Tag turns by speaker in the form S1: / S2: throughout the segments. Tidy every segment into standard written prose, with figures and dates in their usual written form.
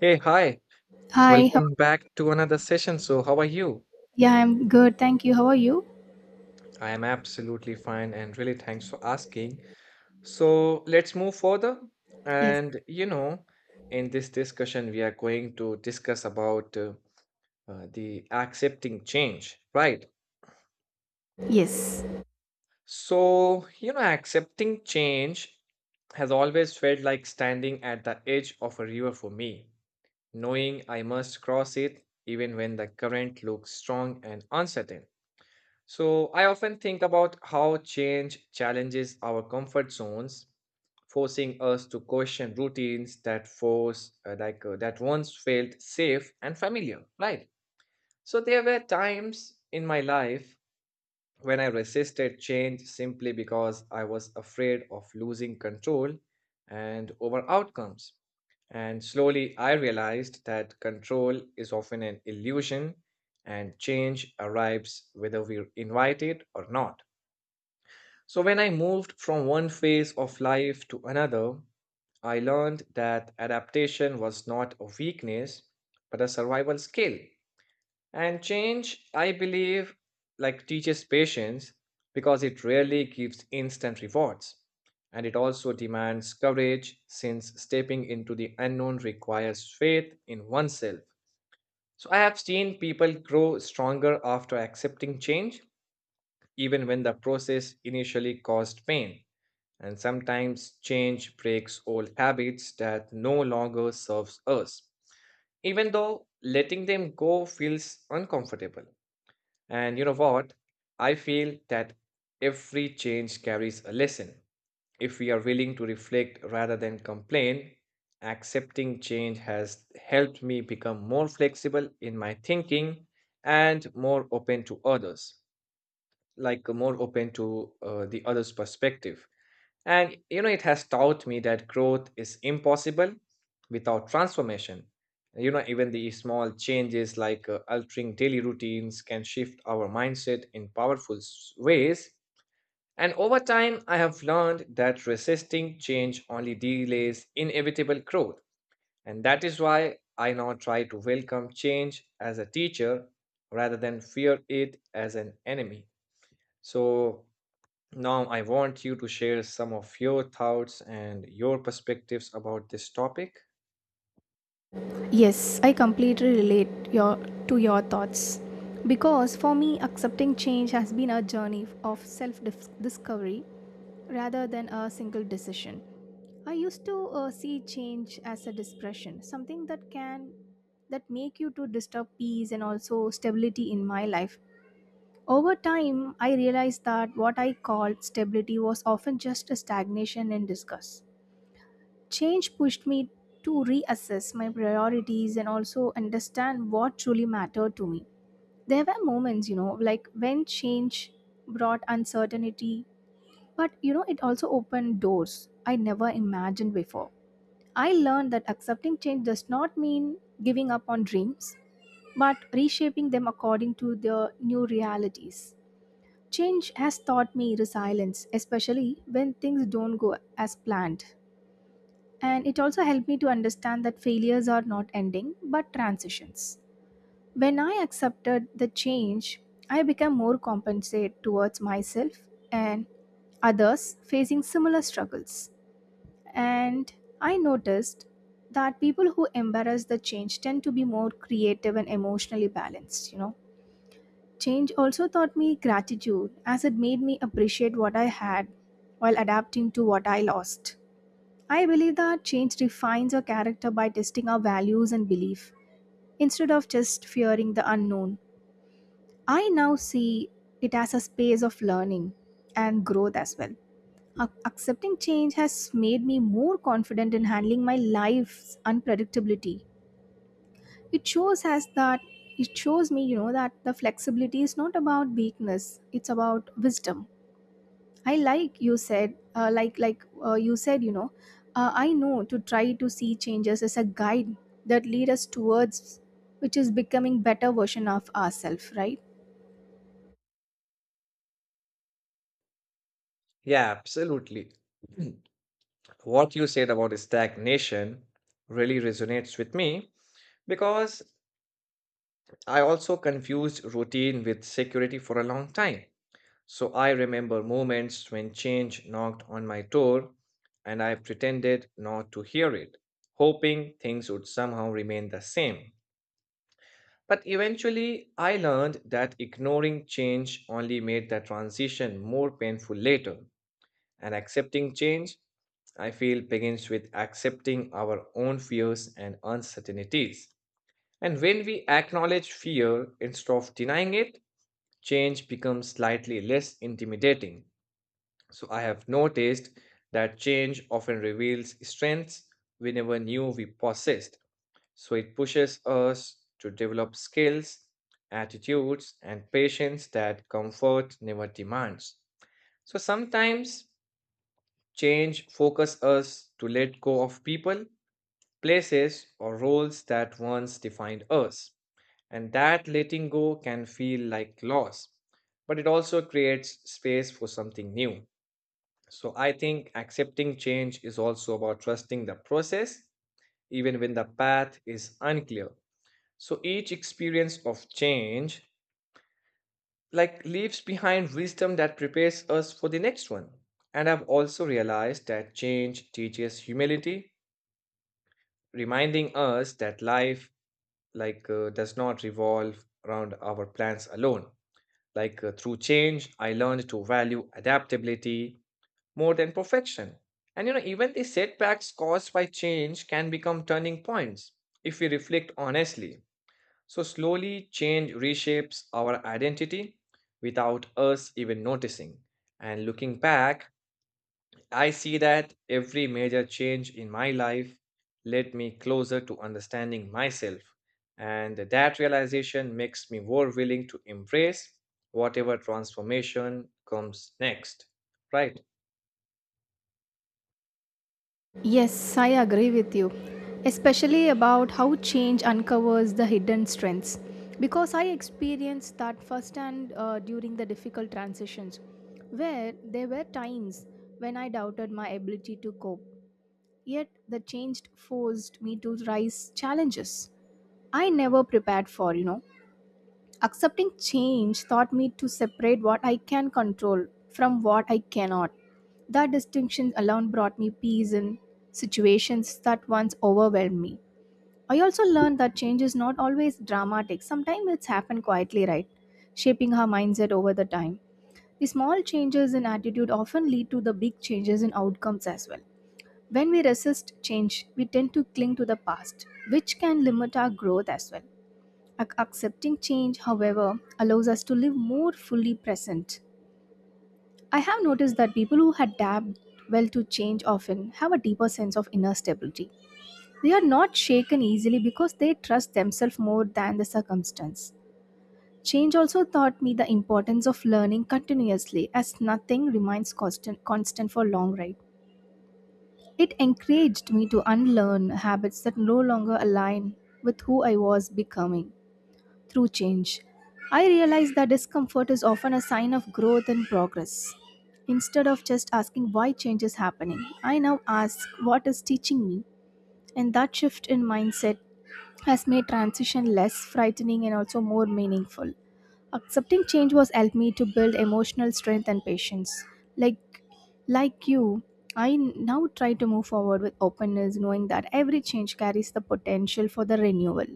S1: Hey, hi.
S2: Hi,
S1: Welcome back to another session. So, how are you?
S2: yeah, I'm good. Thank you. How are you?
S1: I am absolutely fine and really thanks for asking. So, let's move further.
S2: Yes,
S1: And, you know, in this discussion, we are going to discuss about the accepting change, right?
S2: yes,
S1: So, you know, accepting change has always felt like standing at the edge of a river for me, knowing I must cross it even when the current looks strong and uncertain. So I often think about how change challenges our comfort zones, forcing us to question routines that force like that once felt safe and familiar, right? So there were times in my life when I resisted change simply because I was afraid of losing control and over outcomes. And slowly I realized that control is often an illusion and change arrives whether we invite it or not. So, when I moved from one phase of life to another, I learned that adaptation was not a weakness, but a survival skill. And change, I believe, like teaches patience because it rarely gives instant rewards. And it also demands courage since stepping into the unknown requires faith in oneself. So I have seen people grow stronger after accepting change, even when the process initially caused pain. And sometimes change breaks old habits that no longer serves us, even though letting them go feels uncomfortable. And you know what? I feel that every change carries a lesson. If we are willing to reflect rather than complain, accepting change has helped me become more flexible in my thinking and more open to others, like more open to the others' perspective. And you know, it has taught me that growth is impossible without transformation. You know, even the small changes like altering daily routines can shift our mindset in powerful ways. And over time, I have learned that resisting change only delays inevitable growth. And that is why I now try to welcome change as a teacher rather than fear it as an enemy. So, now, I want you to share some of your thoughts and your perspectives about this topic.
S2: yes. I completely relate your to your thoughts because for me, accepting change has been a journey of self-discovery rather than a single decision. I used to see change as a depression, something that can that make you to disturb peace and also stability in my life. Over time, I realized that what I called stability was often just a stagnation and disgust. Change pushed me to reassess my priorities and also understand what truly mattered to me. There were moments, you know, like when change brought uncertainty, but you know, it also opened doors I never imagined before. I learned that accepting change does not mean giving up on dreams, but reshaping them according to their new realities. Change has taught me resilience, especially when things don't go as planned. And it also helped me to understand that failures are not ending, but transitions. When I accepted the change, I became more compassionate towards myself and others facing similar struggles. And I noticed that people who embrace the change tend to be more creative and emotionally balanced, you know. Change also taught me gratitude as it made me appreciate what I had while adapting to what I lost. I believe that change refines our character by testing our values and belief instead of just fearing the unknown. I now see it as a space of learning and growth as well. Accepting change has made me more confident in handling my life's unpredictability. It shows us that it shows me, you know, that the flexibility is not about weakness, it's about wisdom. I like you said, you said, I know to try to see changes as a guide that lead us towards which is becoming better version of ourselves, right?
S1: Yeah, absolutely. What you said about stagnation really resonates with me because I also confused routine with security for a long time. So I remember moments when change knocked on my door and I pretended not to hear it, hoping things would somehow remain the same. But eventually, I learned that ignoring change only made the transition more painful later. And accepting change, I feel, begins with accepting our own fears and uncertainties. And when we acknowledge fear instead of denying it, change becomes slightly less intimidating. So I have noticed that change often reveals strengths we never knew we possessed. So it pushes us to develop skills, attitudes, and patience that comfort never demands. So sometimes change focuses us to let go of people, places, or roles that once defined us. And that letting go can feel like loss, but it also creates space for something new. So I think accepting change is also about trusting the process, even when the path is unclear. So each experience of change like leaves behind wisdom that prepares us for the next one. And I've also realized that change teaches humility, reminding us that life like does not revolve around our plans alone. Like through change, I learned to value adaptability more than perfection. And you know, even the setbacks caused by change can become turning points if we reflect honestly. So, slowly, change reshapes our identity without us even noticing. And looking back, I see that every major change in my life led me closer to understanding myself. And that realization makes me more willing to embrace whatever transformation comes next. Right?
S2: Yes, I agree with you, especially about how change uncovers the hidden strengths. Because I experienced that firsthand during the difficult transitions, where there were times when I doubted my ability to cope. Yet the change forced me to rise challenges I never prepared for, you know. Accepting change taught me to separate what I can control from what I cannot. That distinction alone brought me peace in situations that once overwhelmed me. I also learned that change is not always dramatic. Sometimes it's happened quietly, right? Shaping our mindset over the time. The small changes in attitude often lead to the big changes in outcomes as well. When we resist change, we tend to cling to the past, which can limit our growth as well. Accepting change, however, allows us to live more fully present. I have noticed that people who adapt well to change often have a deeper sense of inner stability. They are not shaken easily because they trust themselves more than the circumstance. Change also taught me the importance of learning continuously as nothing remains constant for long ride. It encouraged me to unlearn habits that no longer align with who I was becoming through change. I realized that discomfort is often a sign of growth and progress. Instead of just asking why change is happening, I now ask what is teaching me, and that shift in mindset has made transition less frightening and also more meaningful. Accepting change was helped me to build emotional strength and patience. Like like you, I now try to move forward with openness, knowing that every change carries the potential for the renewal.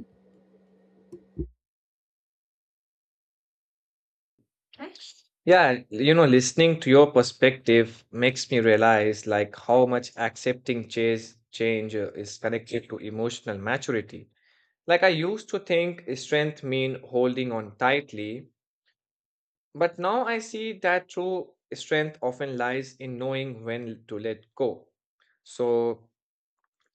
S1: Yeah, you know, listening to your perspective makes me realize like how much accepting change is connected to emotional maturity. Like I used to think strength mean holding on tightly, but now I see that true strength often lies in knowing when to let go. So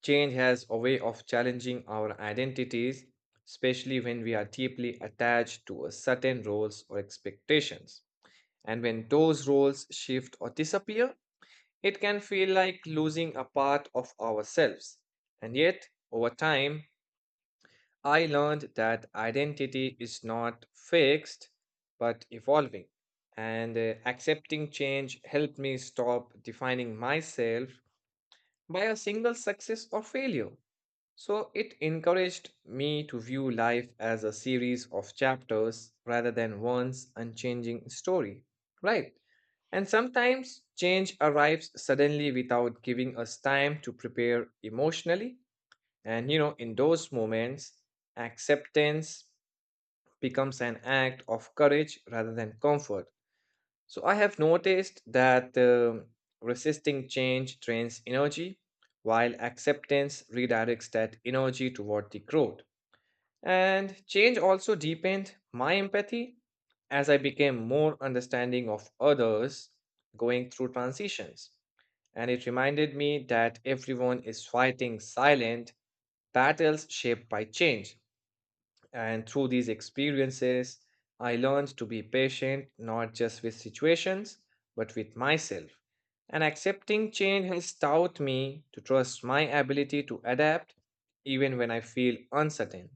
S1: change has a way of challenging our identities, especially when we are deeply attached to a certain roles or expectations. And when those roles shift or disappear, it can feel like losing a part of ourselves. And yet, over time, I learned that identity is not fixed but evolving. And accepting change helped me stop defining myself by a single success or failure. So it encouraged me to view life as a series of chapters rather than one's unchanging story. Right. And sometimes change arrives suddenly without giving us time to prepare emotionally. And you know, in those moments, acceptance becomes an act of courage rather than comfort. So I have noticed that resisting change drains energy, while acceptance redirects that energy toward the growth. And change also deepened my empathy as I became more understanding of others going through transitions. And it reminded me that everyone is fighting silent battles shaped by change. And through these experiences, I learned to be patient not just with situations, but with myself. And accepting change has taught me to trust my ability to adapt even when I feel uncertain.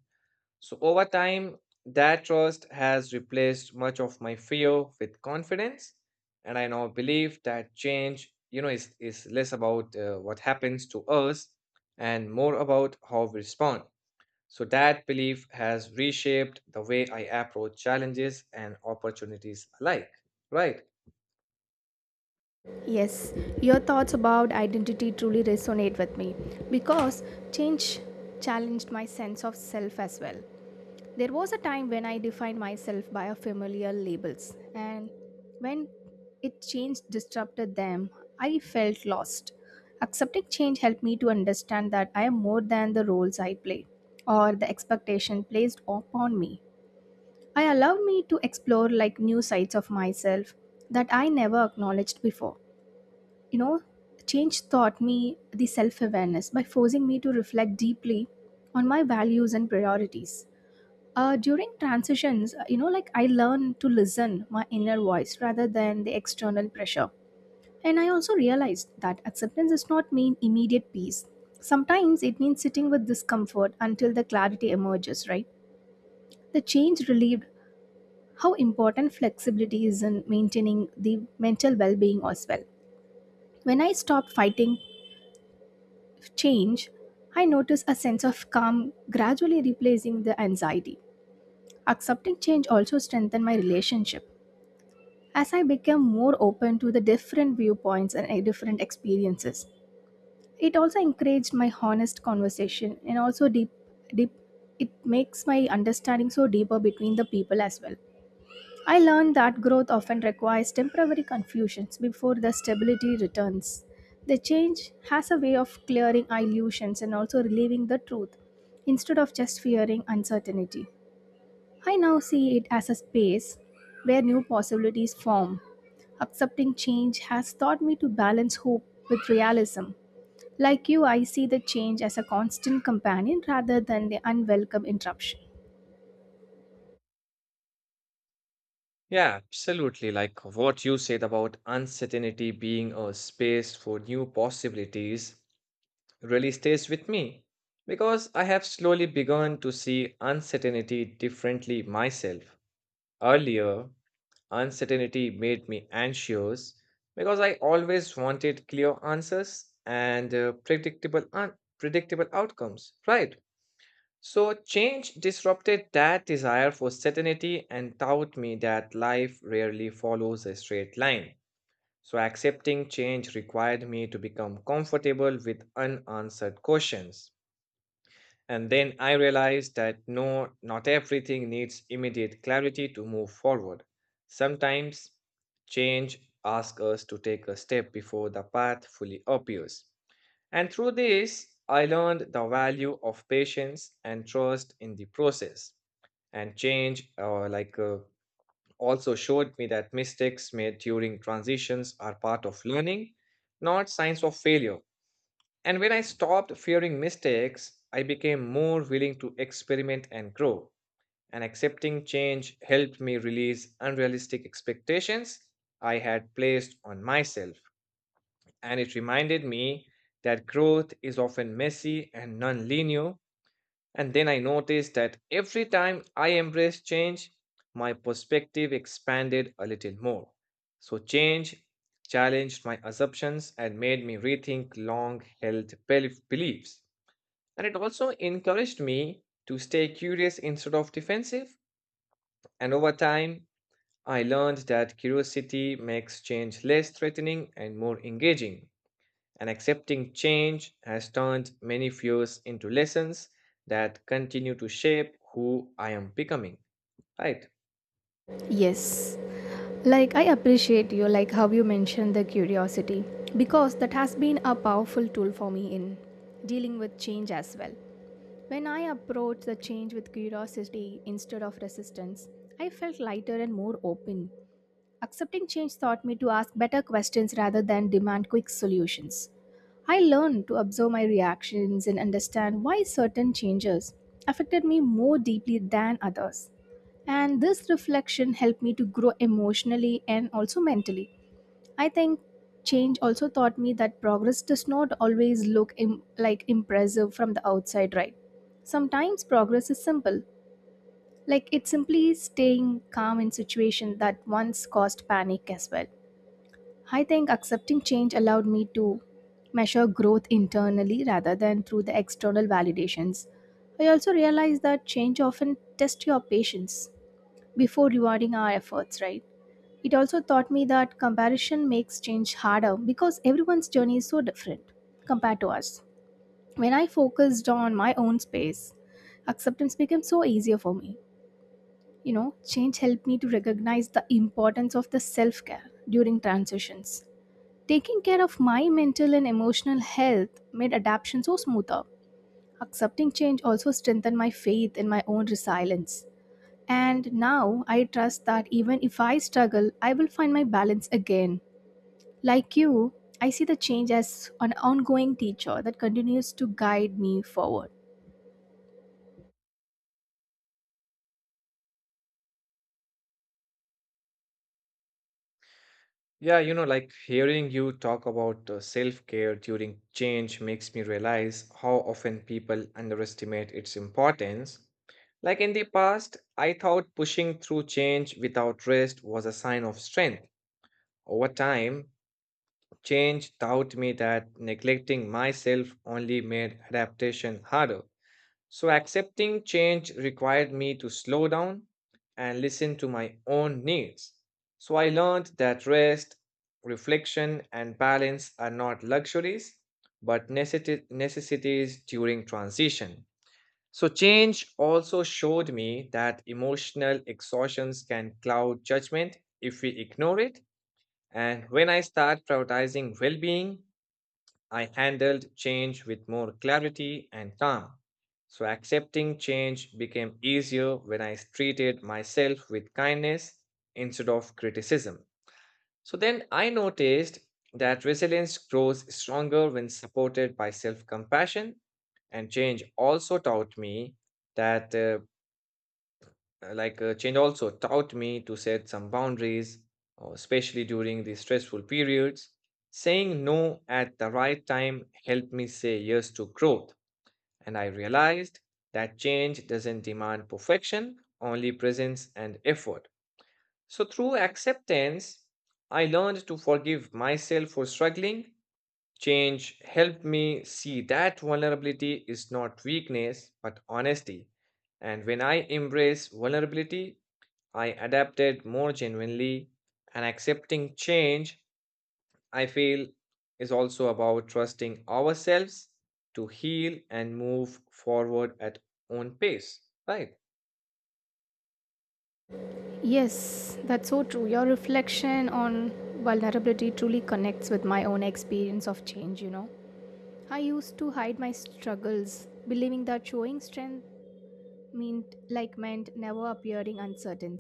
S1: So, over time, that trust has replaced much of my fear with confidence. And I now believe that change, you know, is less about what happens to us and more about how we respond. So, that belief has reshaped the way I approach challenges and opportunities alike. Right.
S2: Yes, your thoughts about identity truly resonate with me because change challenged my sense of self as well. There was a time when I defined myself by a familiar labels and when it changed disrupted them, I felt lost. Accepting change helped me to understand that I am more than the roles I play or the expectation placed upon me. I allowed me to explore like new sides of myself that I never acknowledged before, you know. Change taught me the self awareness by forcing me to reflect deeply on my values and priorities during transitions. You know, like I learned to listen my inner voice rather than the external pressure, and I also realized that acceptance does not mean immediate peace. Sometimes it means sitting with discomfort until the clarity emerges, right? The change relieved how important flexibility is in maintaining the mental well-being as well. When I stopped fighting change, I notice a sense of calm gradually replacing the anxiety. Accepting change also strengthened my relationship as I became more open to the different viewpoints and different experiences. It also encouraged my honest conversation and also deep. It makes my understanding so deeper between the people as well. I learned that growth often requires temporary confusions before the stability returns. The change has a way of clearing illusions and also relieving the truth instead of just fearing uncertainty. I now see it as a space where new possibilities form. Accepting change has taught me to balance hope with realism. Like you, I see the change as a constant companion rather than the unwelcome interruption.
S1: Yeah, absolutely. Like what you said about uncertainty being a space for new possibilities really stays with me because I have slowly begun to see uncertainty differently myself. Earlier, uncertainty made me anxious because I always wanted clear answers and predictable outcomes, right? So change disrupted that desire for certainty and taught me that life rarely follows a straight line. So accepting change required me to become comfortable with unanswered questions. And then I realized that no, not everything needs immediate clarity to move forward. Sometimes change asks us to take a step before the path fully appears. And through this, I learned the value of patience and trust in the process. And change also showed me that mistakes made during transitions are part of learning, not signs of failure. And when I stopped fearing mistakes, I became more willing to experiment and grow. And accepting change helped me release unrealistic expectations I had placed on myself. And it reminded me that growth is often messy and non linear. And then I noticed that every time I embraced change, my perspective expanded a little more. So, change challenged my assumptions and made me rethink long held beliefs. And it also encouraged me to stay curious instead of defensive. And over time, I learned that curiosity makes change less threatening and more engaging. And accepting change has turned many fears into lessons that continue to shape who I am becoming. Right.
S2: Yes, like, I appreciate you, like how you mentioned the curiosity, because that has been a powerful tool for me in dealing with change as well. When I approached the change with curiosity instead of resistance, I felt lighter and more open. Accepting change taught me to ask better questions rather than demand quick solutions. I learned to observe my reactions and understand why certain changes affected me more deeply than others. And this reflection helped me to grow emotionally and also mentally. I think change also taught me that progress does not always look like impressive from the outside, right? Sometimes progress is simple, like it's simply staying calm in situation that once caused panic as well. I think accepting change allowed me to measure growth internally rather than through the external validations. I also realized that change often tests your patience before rewarding our efforts, right? It also taught me that comparison makes change harder because everyone's journey is so different compared to us. When I focused on my own space, acceptance became so easier for me. You know, change helped me to recognize the importance of the self care during transitions. Taking care of my mental and emotional health made adaptation so smoother. Accepting change also strengthened my faith in my own resilience. And now I trust that even if I struggle, I will find my balance again. Like you, I see the change as an ongoing teacher that continues to guide me forward.
S1: Yeah, you know, like hearing you talk about self-care during change makes me realize how often people underestimate its importance. Like in the past, I thought pushing through change without rest was a sign of strength. Over time, change taught me that neglecting myself only made adaptation harder. So accepting change required me to slow down and listen to my own needs. So I learned that rest, reflection, and balance are not luxuries, but necessities during transition. So change also showed me that emotional exhaustions can cloud judgment if we ignore it. And when I start prioritizing well being I handled change with more clarity and calm. So accepting change became easier when I treated myself with kindness instead of criticism. So then I noticed that resilience grows stronger when supported by self compassion. And change also taught me that change also taught me to set some boundaries, especially during the stressful periods. Saying no at the right time helped me say yes to growth, and I realized that change doesn't demand perfection, only presence and effort. So, through acceptance, I learned to forgive myself for struggling. Change helped me see that vulnerability is not weakness, but honesty. And when I embrace vulnerability, I adapted more genuinely. And accepting change, I feel, is also about trusting ourselves to heal and move forward at own pace. Right?
S2: Yes, that's so true. Your reflection on vulnerability truly connects with my own experience of change, you know. I used to hide my struggles, believing that showing strength meant never appearing uncertain.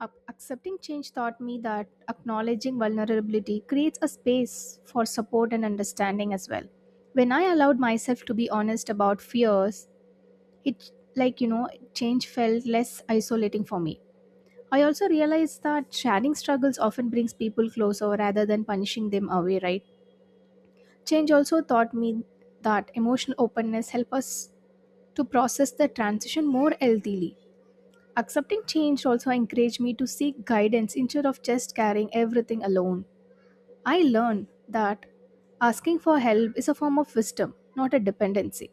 S2: Accepting change taught me that acknowledging vulnerability creates a space for support and understanding as well. When I allowed myself to be honest about fears, it like you know change felt less isolating for me. I also realized that sharing struggles often brings people closer rather than punishing them away, right? Change also taught me that emotional openness help us to process the transition more healthily. Accepting change also encouraged me to seek guidance instead of just carrying everything alone. I learned that asking for help is a form of wisdom, not a dependency.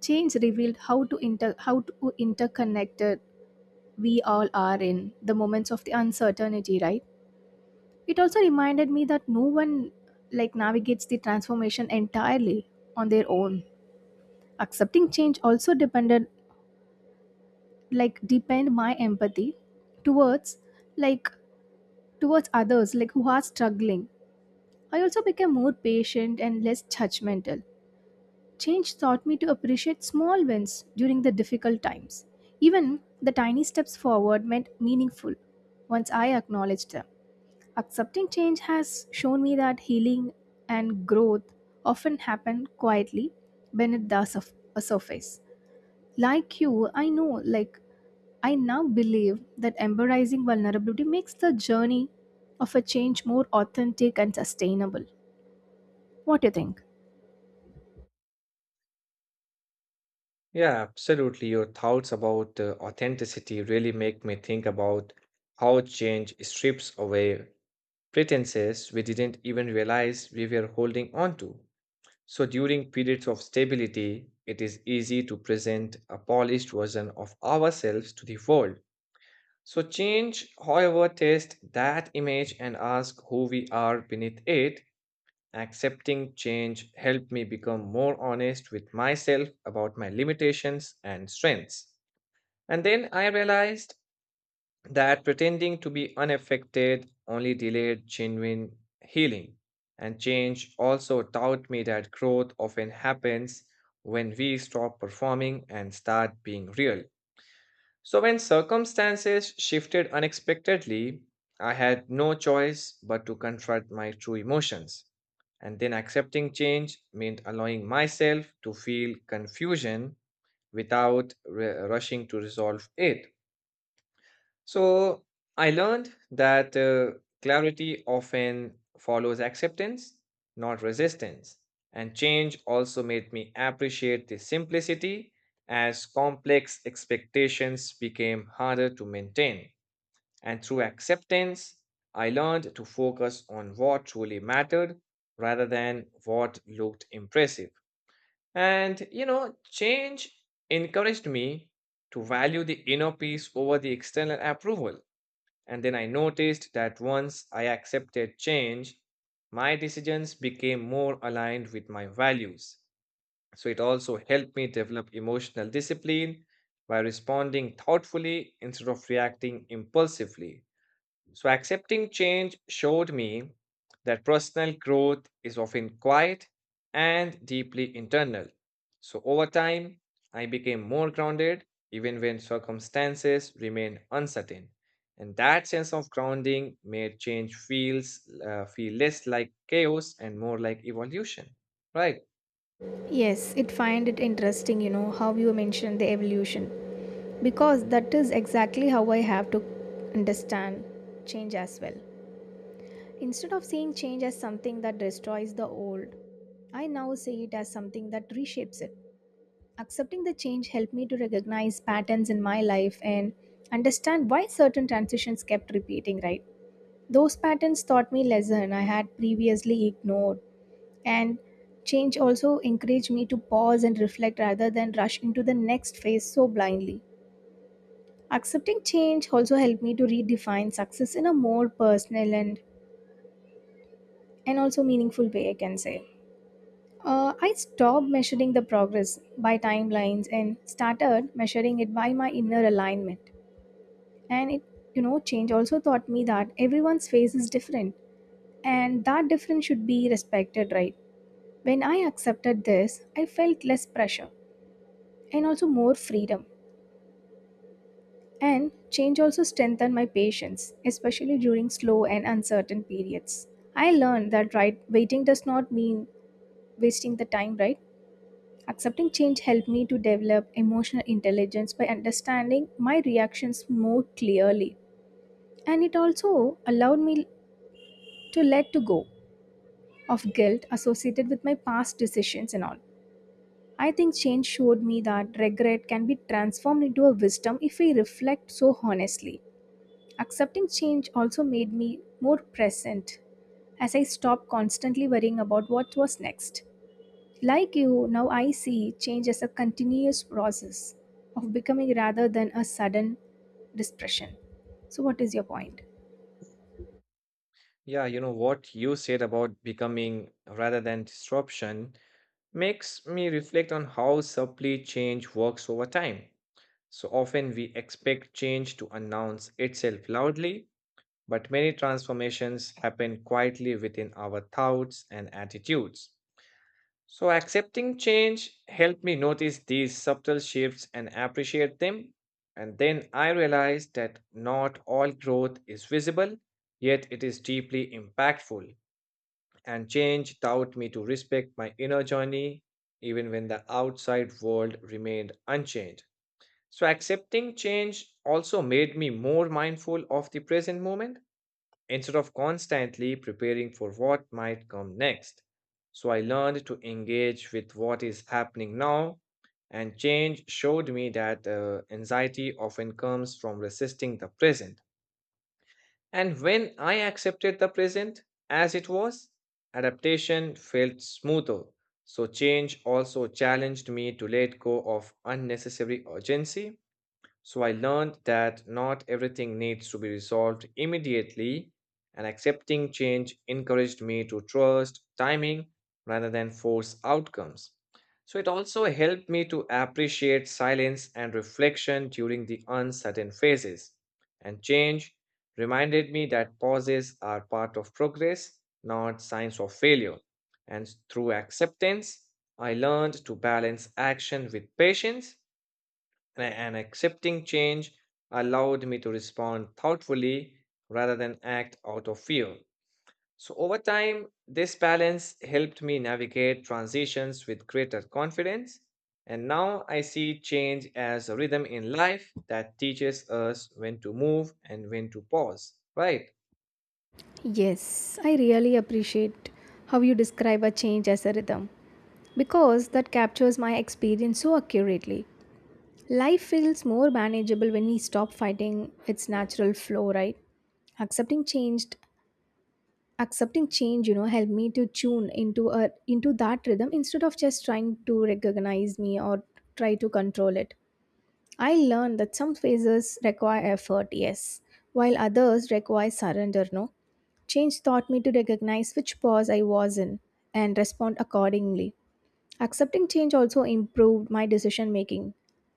S2: Change revealed how to interconnected we all are in the moments of the uncertainty, right? It also reminded me that no one like navigates the transformation entirely on their own. Accepting change also depended like deepened my empathy towards like towards others like who are struggling. I also became more patient and less judgmental. Change taught me to appreciate small wins during the difficult times. Even the tiny steps forward meant meaningful once I acknowledged them. Accepting change has shown me that healing and growth often happen quietly beneath the surf- a surface. Like you, I know like I now believe that embracing vulnerability makes the journey of a change more authentic and sustainable. What do you think?
S1: Yeah, absolutely. Your thoughts about authenticity really make me think about how change strips away pretenses we didn't even realize we were holding on to. So, during periods of stability, it is easy to present a polished version of ourselves to the world. So, change, however, tests that image and ask who we are beneath it. Accepting change helped me become more honest with myself about my limitations and strengths. And then I realized that pretending to be unaffected only delayed genuine healing. And change also taught me that growth often happens when we stop performing and start being real. So, when circumstances shifted unexpectedly, I had no choice but to confront my true emotions. And then accepting change meant allowing myself to feel confusion without rushing to resolve it. So I learned that clarity often follows acceptance, not resistance. And change also made me appreciate the simplicity as complex expectations became harder to maintain. And through acceptance, I learned to focus on what truly mattered rather than what looked impressive. And change encouraged me to value the inner peace over the external approval, and then I noticed that once I accepted change, my decisions became more aligned with my values. So it also helped me develop emotional discipline by responding thoughtfully instead of reacting impulsively. So, accepting change showed me that personal growth is often quiet and deeply internal. So, over time, I became more grounded even when circumstances remained uncertain. And that sense of grounding made change feel less like chaos and more like evolution, right?
S2: Yes, it find it interesting, you know, how you mentioned the evolution because that is exactly how I have to understand change as well. Instead of seeing change as something that destroys the old, I now see it as something that reshapes it. Accepting the change helped me to recognize patterns in my life and understand why certain transitions kept repeating, right? Those patterns taught me lesson I had previously ignored, and change also encouraged me to pause and reflect rather than rush into the next phase so blindly. Accepting change also helped me to redefine success in a more personal and also meaningful way I can say. I stopped measuring the progress by timelines and started measuring it by my inner alignment. And it, you know, change also taught me that everyone's face is different and that difference should be respected, right? When I accepted this, I felt less pressure and also more freedom. And change also strengthened my patience, especially during slow and uncertain periods. I learned that right waiting does not mean wasting the time, right? Accepting change helped me to develop emotional intelligence by understanding my reactions more clearly. And it also allowed me to let to go of guilt associated with my past decisions and all. I think change showed me that regret can be transformed into a wisdom if we reflect so honestly. Accepting change also made me more present as I stopped constantly worrying about what was next. Like you, now I see change as a continuous process of becoming rather than a sudden depression. So, what is your point?
S1: Yeah, you know what you said about becoming rather than disruption makes me reflect on how subtly change works over time. So often we expect change to announce itself loudly, but many transformations happen quietly within our thoughts and attitudes. So accepting change helped me notice these subtle shifts and appreciate them. And then I realized that not all growth is visible, yet it is deeply impactful. And change taught me to respect my inner journey, even when the outside world remained unchanged. So, accepting change also made me more mindful of the present moment instead of constantly preparing for what might come next. So, I learned to engage with what is happening now, and change showed me that anxiety often comes from resisting the present. And when I accepted the present as it was, adaptation felt smoother. So, change also challenged me to let go of unnecessary urgency, so I learned that not everything needs to be resolved immediately, and accepting change encouraged me to trust timing rather than force outcomes. So it also helped me to appreciate silence and reflection during the uncertain phases. And change reminded me that pauses are part of progress, not signs of failure. And through acceptance, I learned to balance action with patience, and accepting change allowed me to respond thoughtfully rather than act out of fear. So, over time, this balance helped me navigate transitions with greater confidence. And now I see change as a rhythm in life that teaches us when to move and when to pause, right?
S2: Yes, I really appreciate how you describe a change as a rhythm because that captures my experience so accurately. Life feels more manageable when we stop fighting its natural flow, right? Accepting changed accepting change, you know, helped me to tune into that rhythm instead of just trying to recognize me or try to control it. I learned that some phases require effort, yes, while others require surrender, no. Change taught me to recognize which pause I was in and respond accordingly. Accepting change also improved my decision making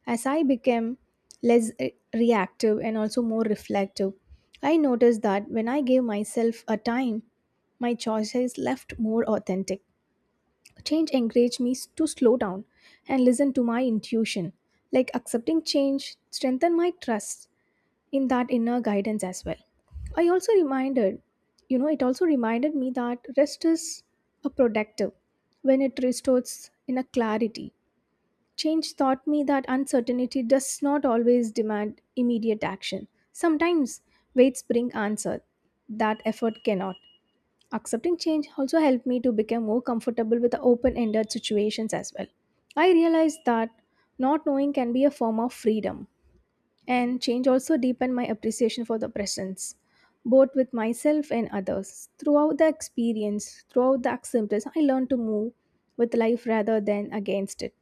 S2: as I became less reactive and also more reflective. I noticed that when I gave myself a time, my choices left more authentic. Change encouraged me to slow down and listen to my intuition. Like accepting change strengthened my trust in that inner guidance as well. I also reminded, you know, it also reminded me that rest is a productive when it restores inner clarity. Change taught me that uncertainty does not always demand immediate action. Sometimes waits bring answer that effort cannot. Accepting change also helped me to become more comfortable with the open-ended situations as well. I realized that not knowing can be a form of freedom, and change also deepened my appreciation for the presence, both with myself and others. Throughout the acceptance, I learned to move with life rather than against it.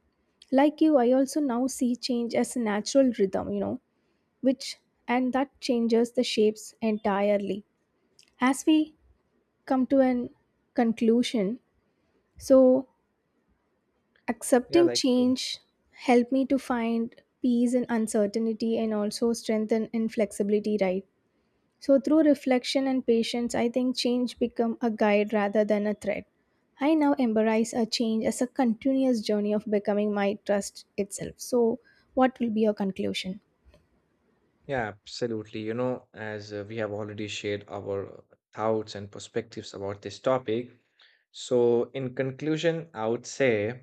S2: Like you, I also now see change as a natural rhythm, you know, which, and that changes the shapes entirely as we come to an conclusion. So,
S1: Yeah,
S2: accepting
S1: like, uh,
S2: change helped me to find peace in uncertainty and also strengthen in flexibility, right? So through reflection and patience, I think change become a guide rather than a threat. I now embrace a change as a continuous journey of becoming my trust itself. So what will be your conclusion?
S1: yeah, absolutely. You know, as we have already shared our thoughts and perspectives about this topic. So, in conclusion, I would say,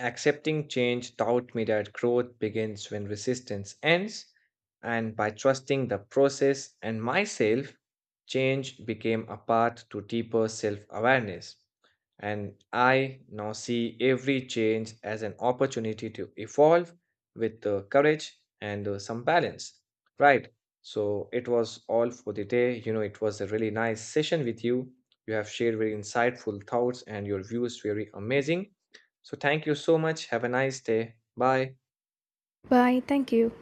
S1: accepting change taught me that growth begins when resistance ends, and by trusting the process and myself, change became a path to deeper self awareness. And I now see every change as an opportunity to evolve with courage and some balance. Right. So it was all for the day. You know, it was a really nice session with you. You have shared very insightful thoughts, and your views very amazing. So, thank you so much. Have a nice day. Bye.
S2: Bye. Thank you.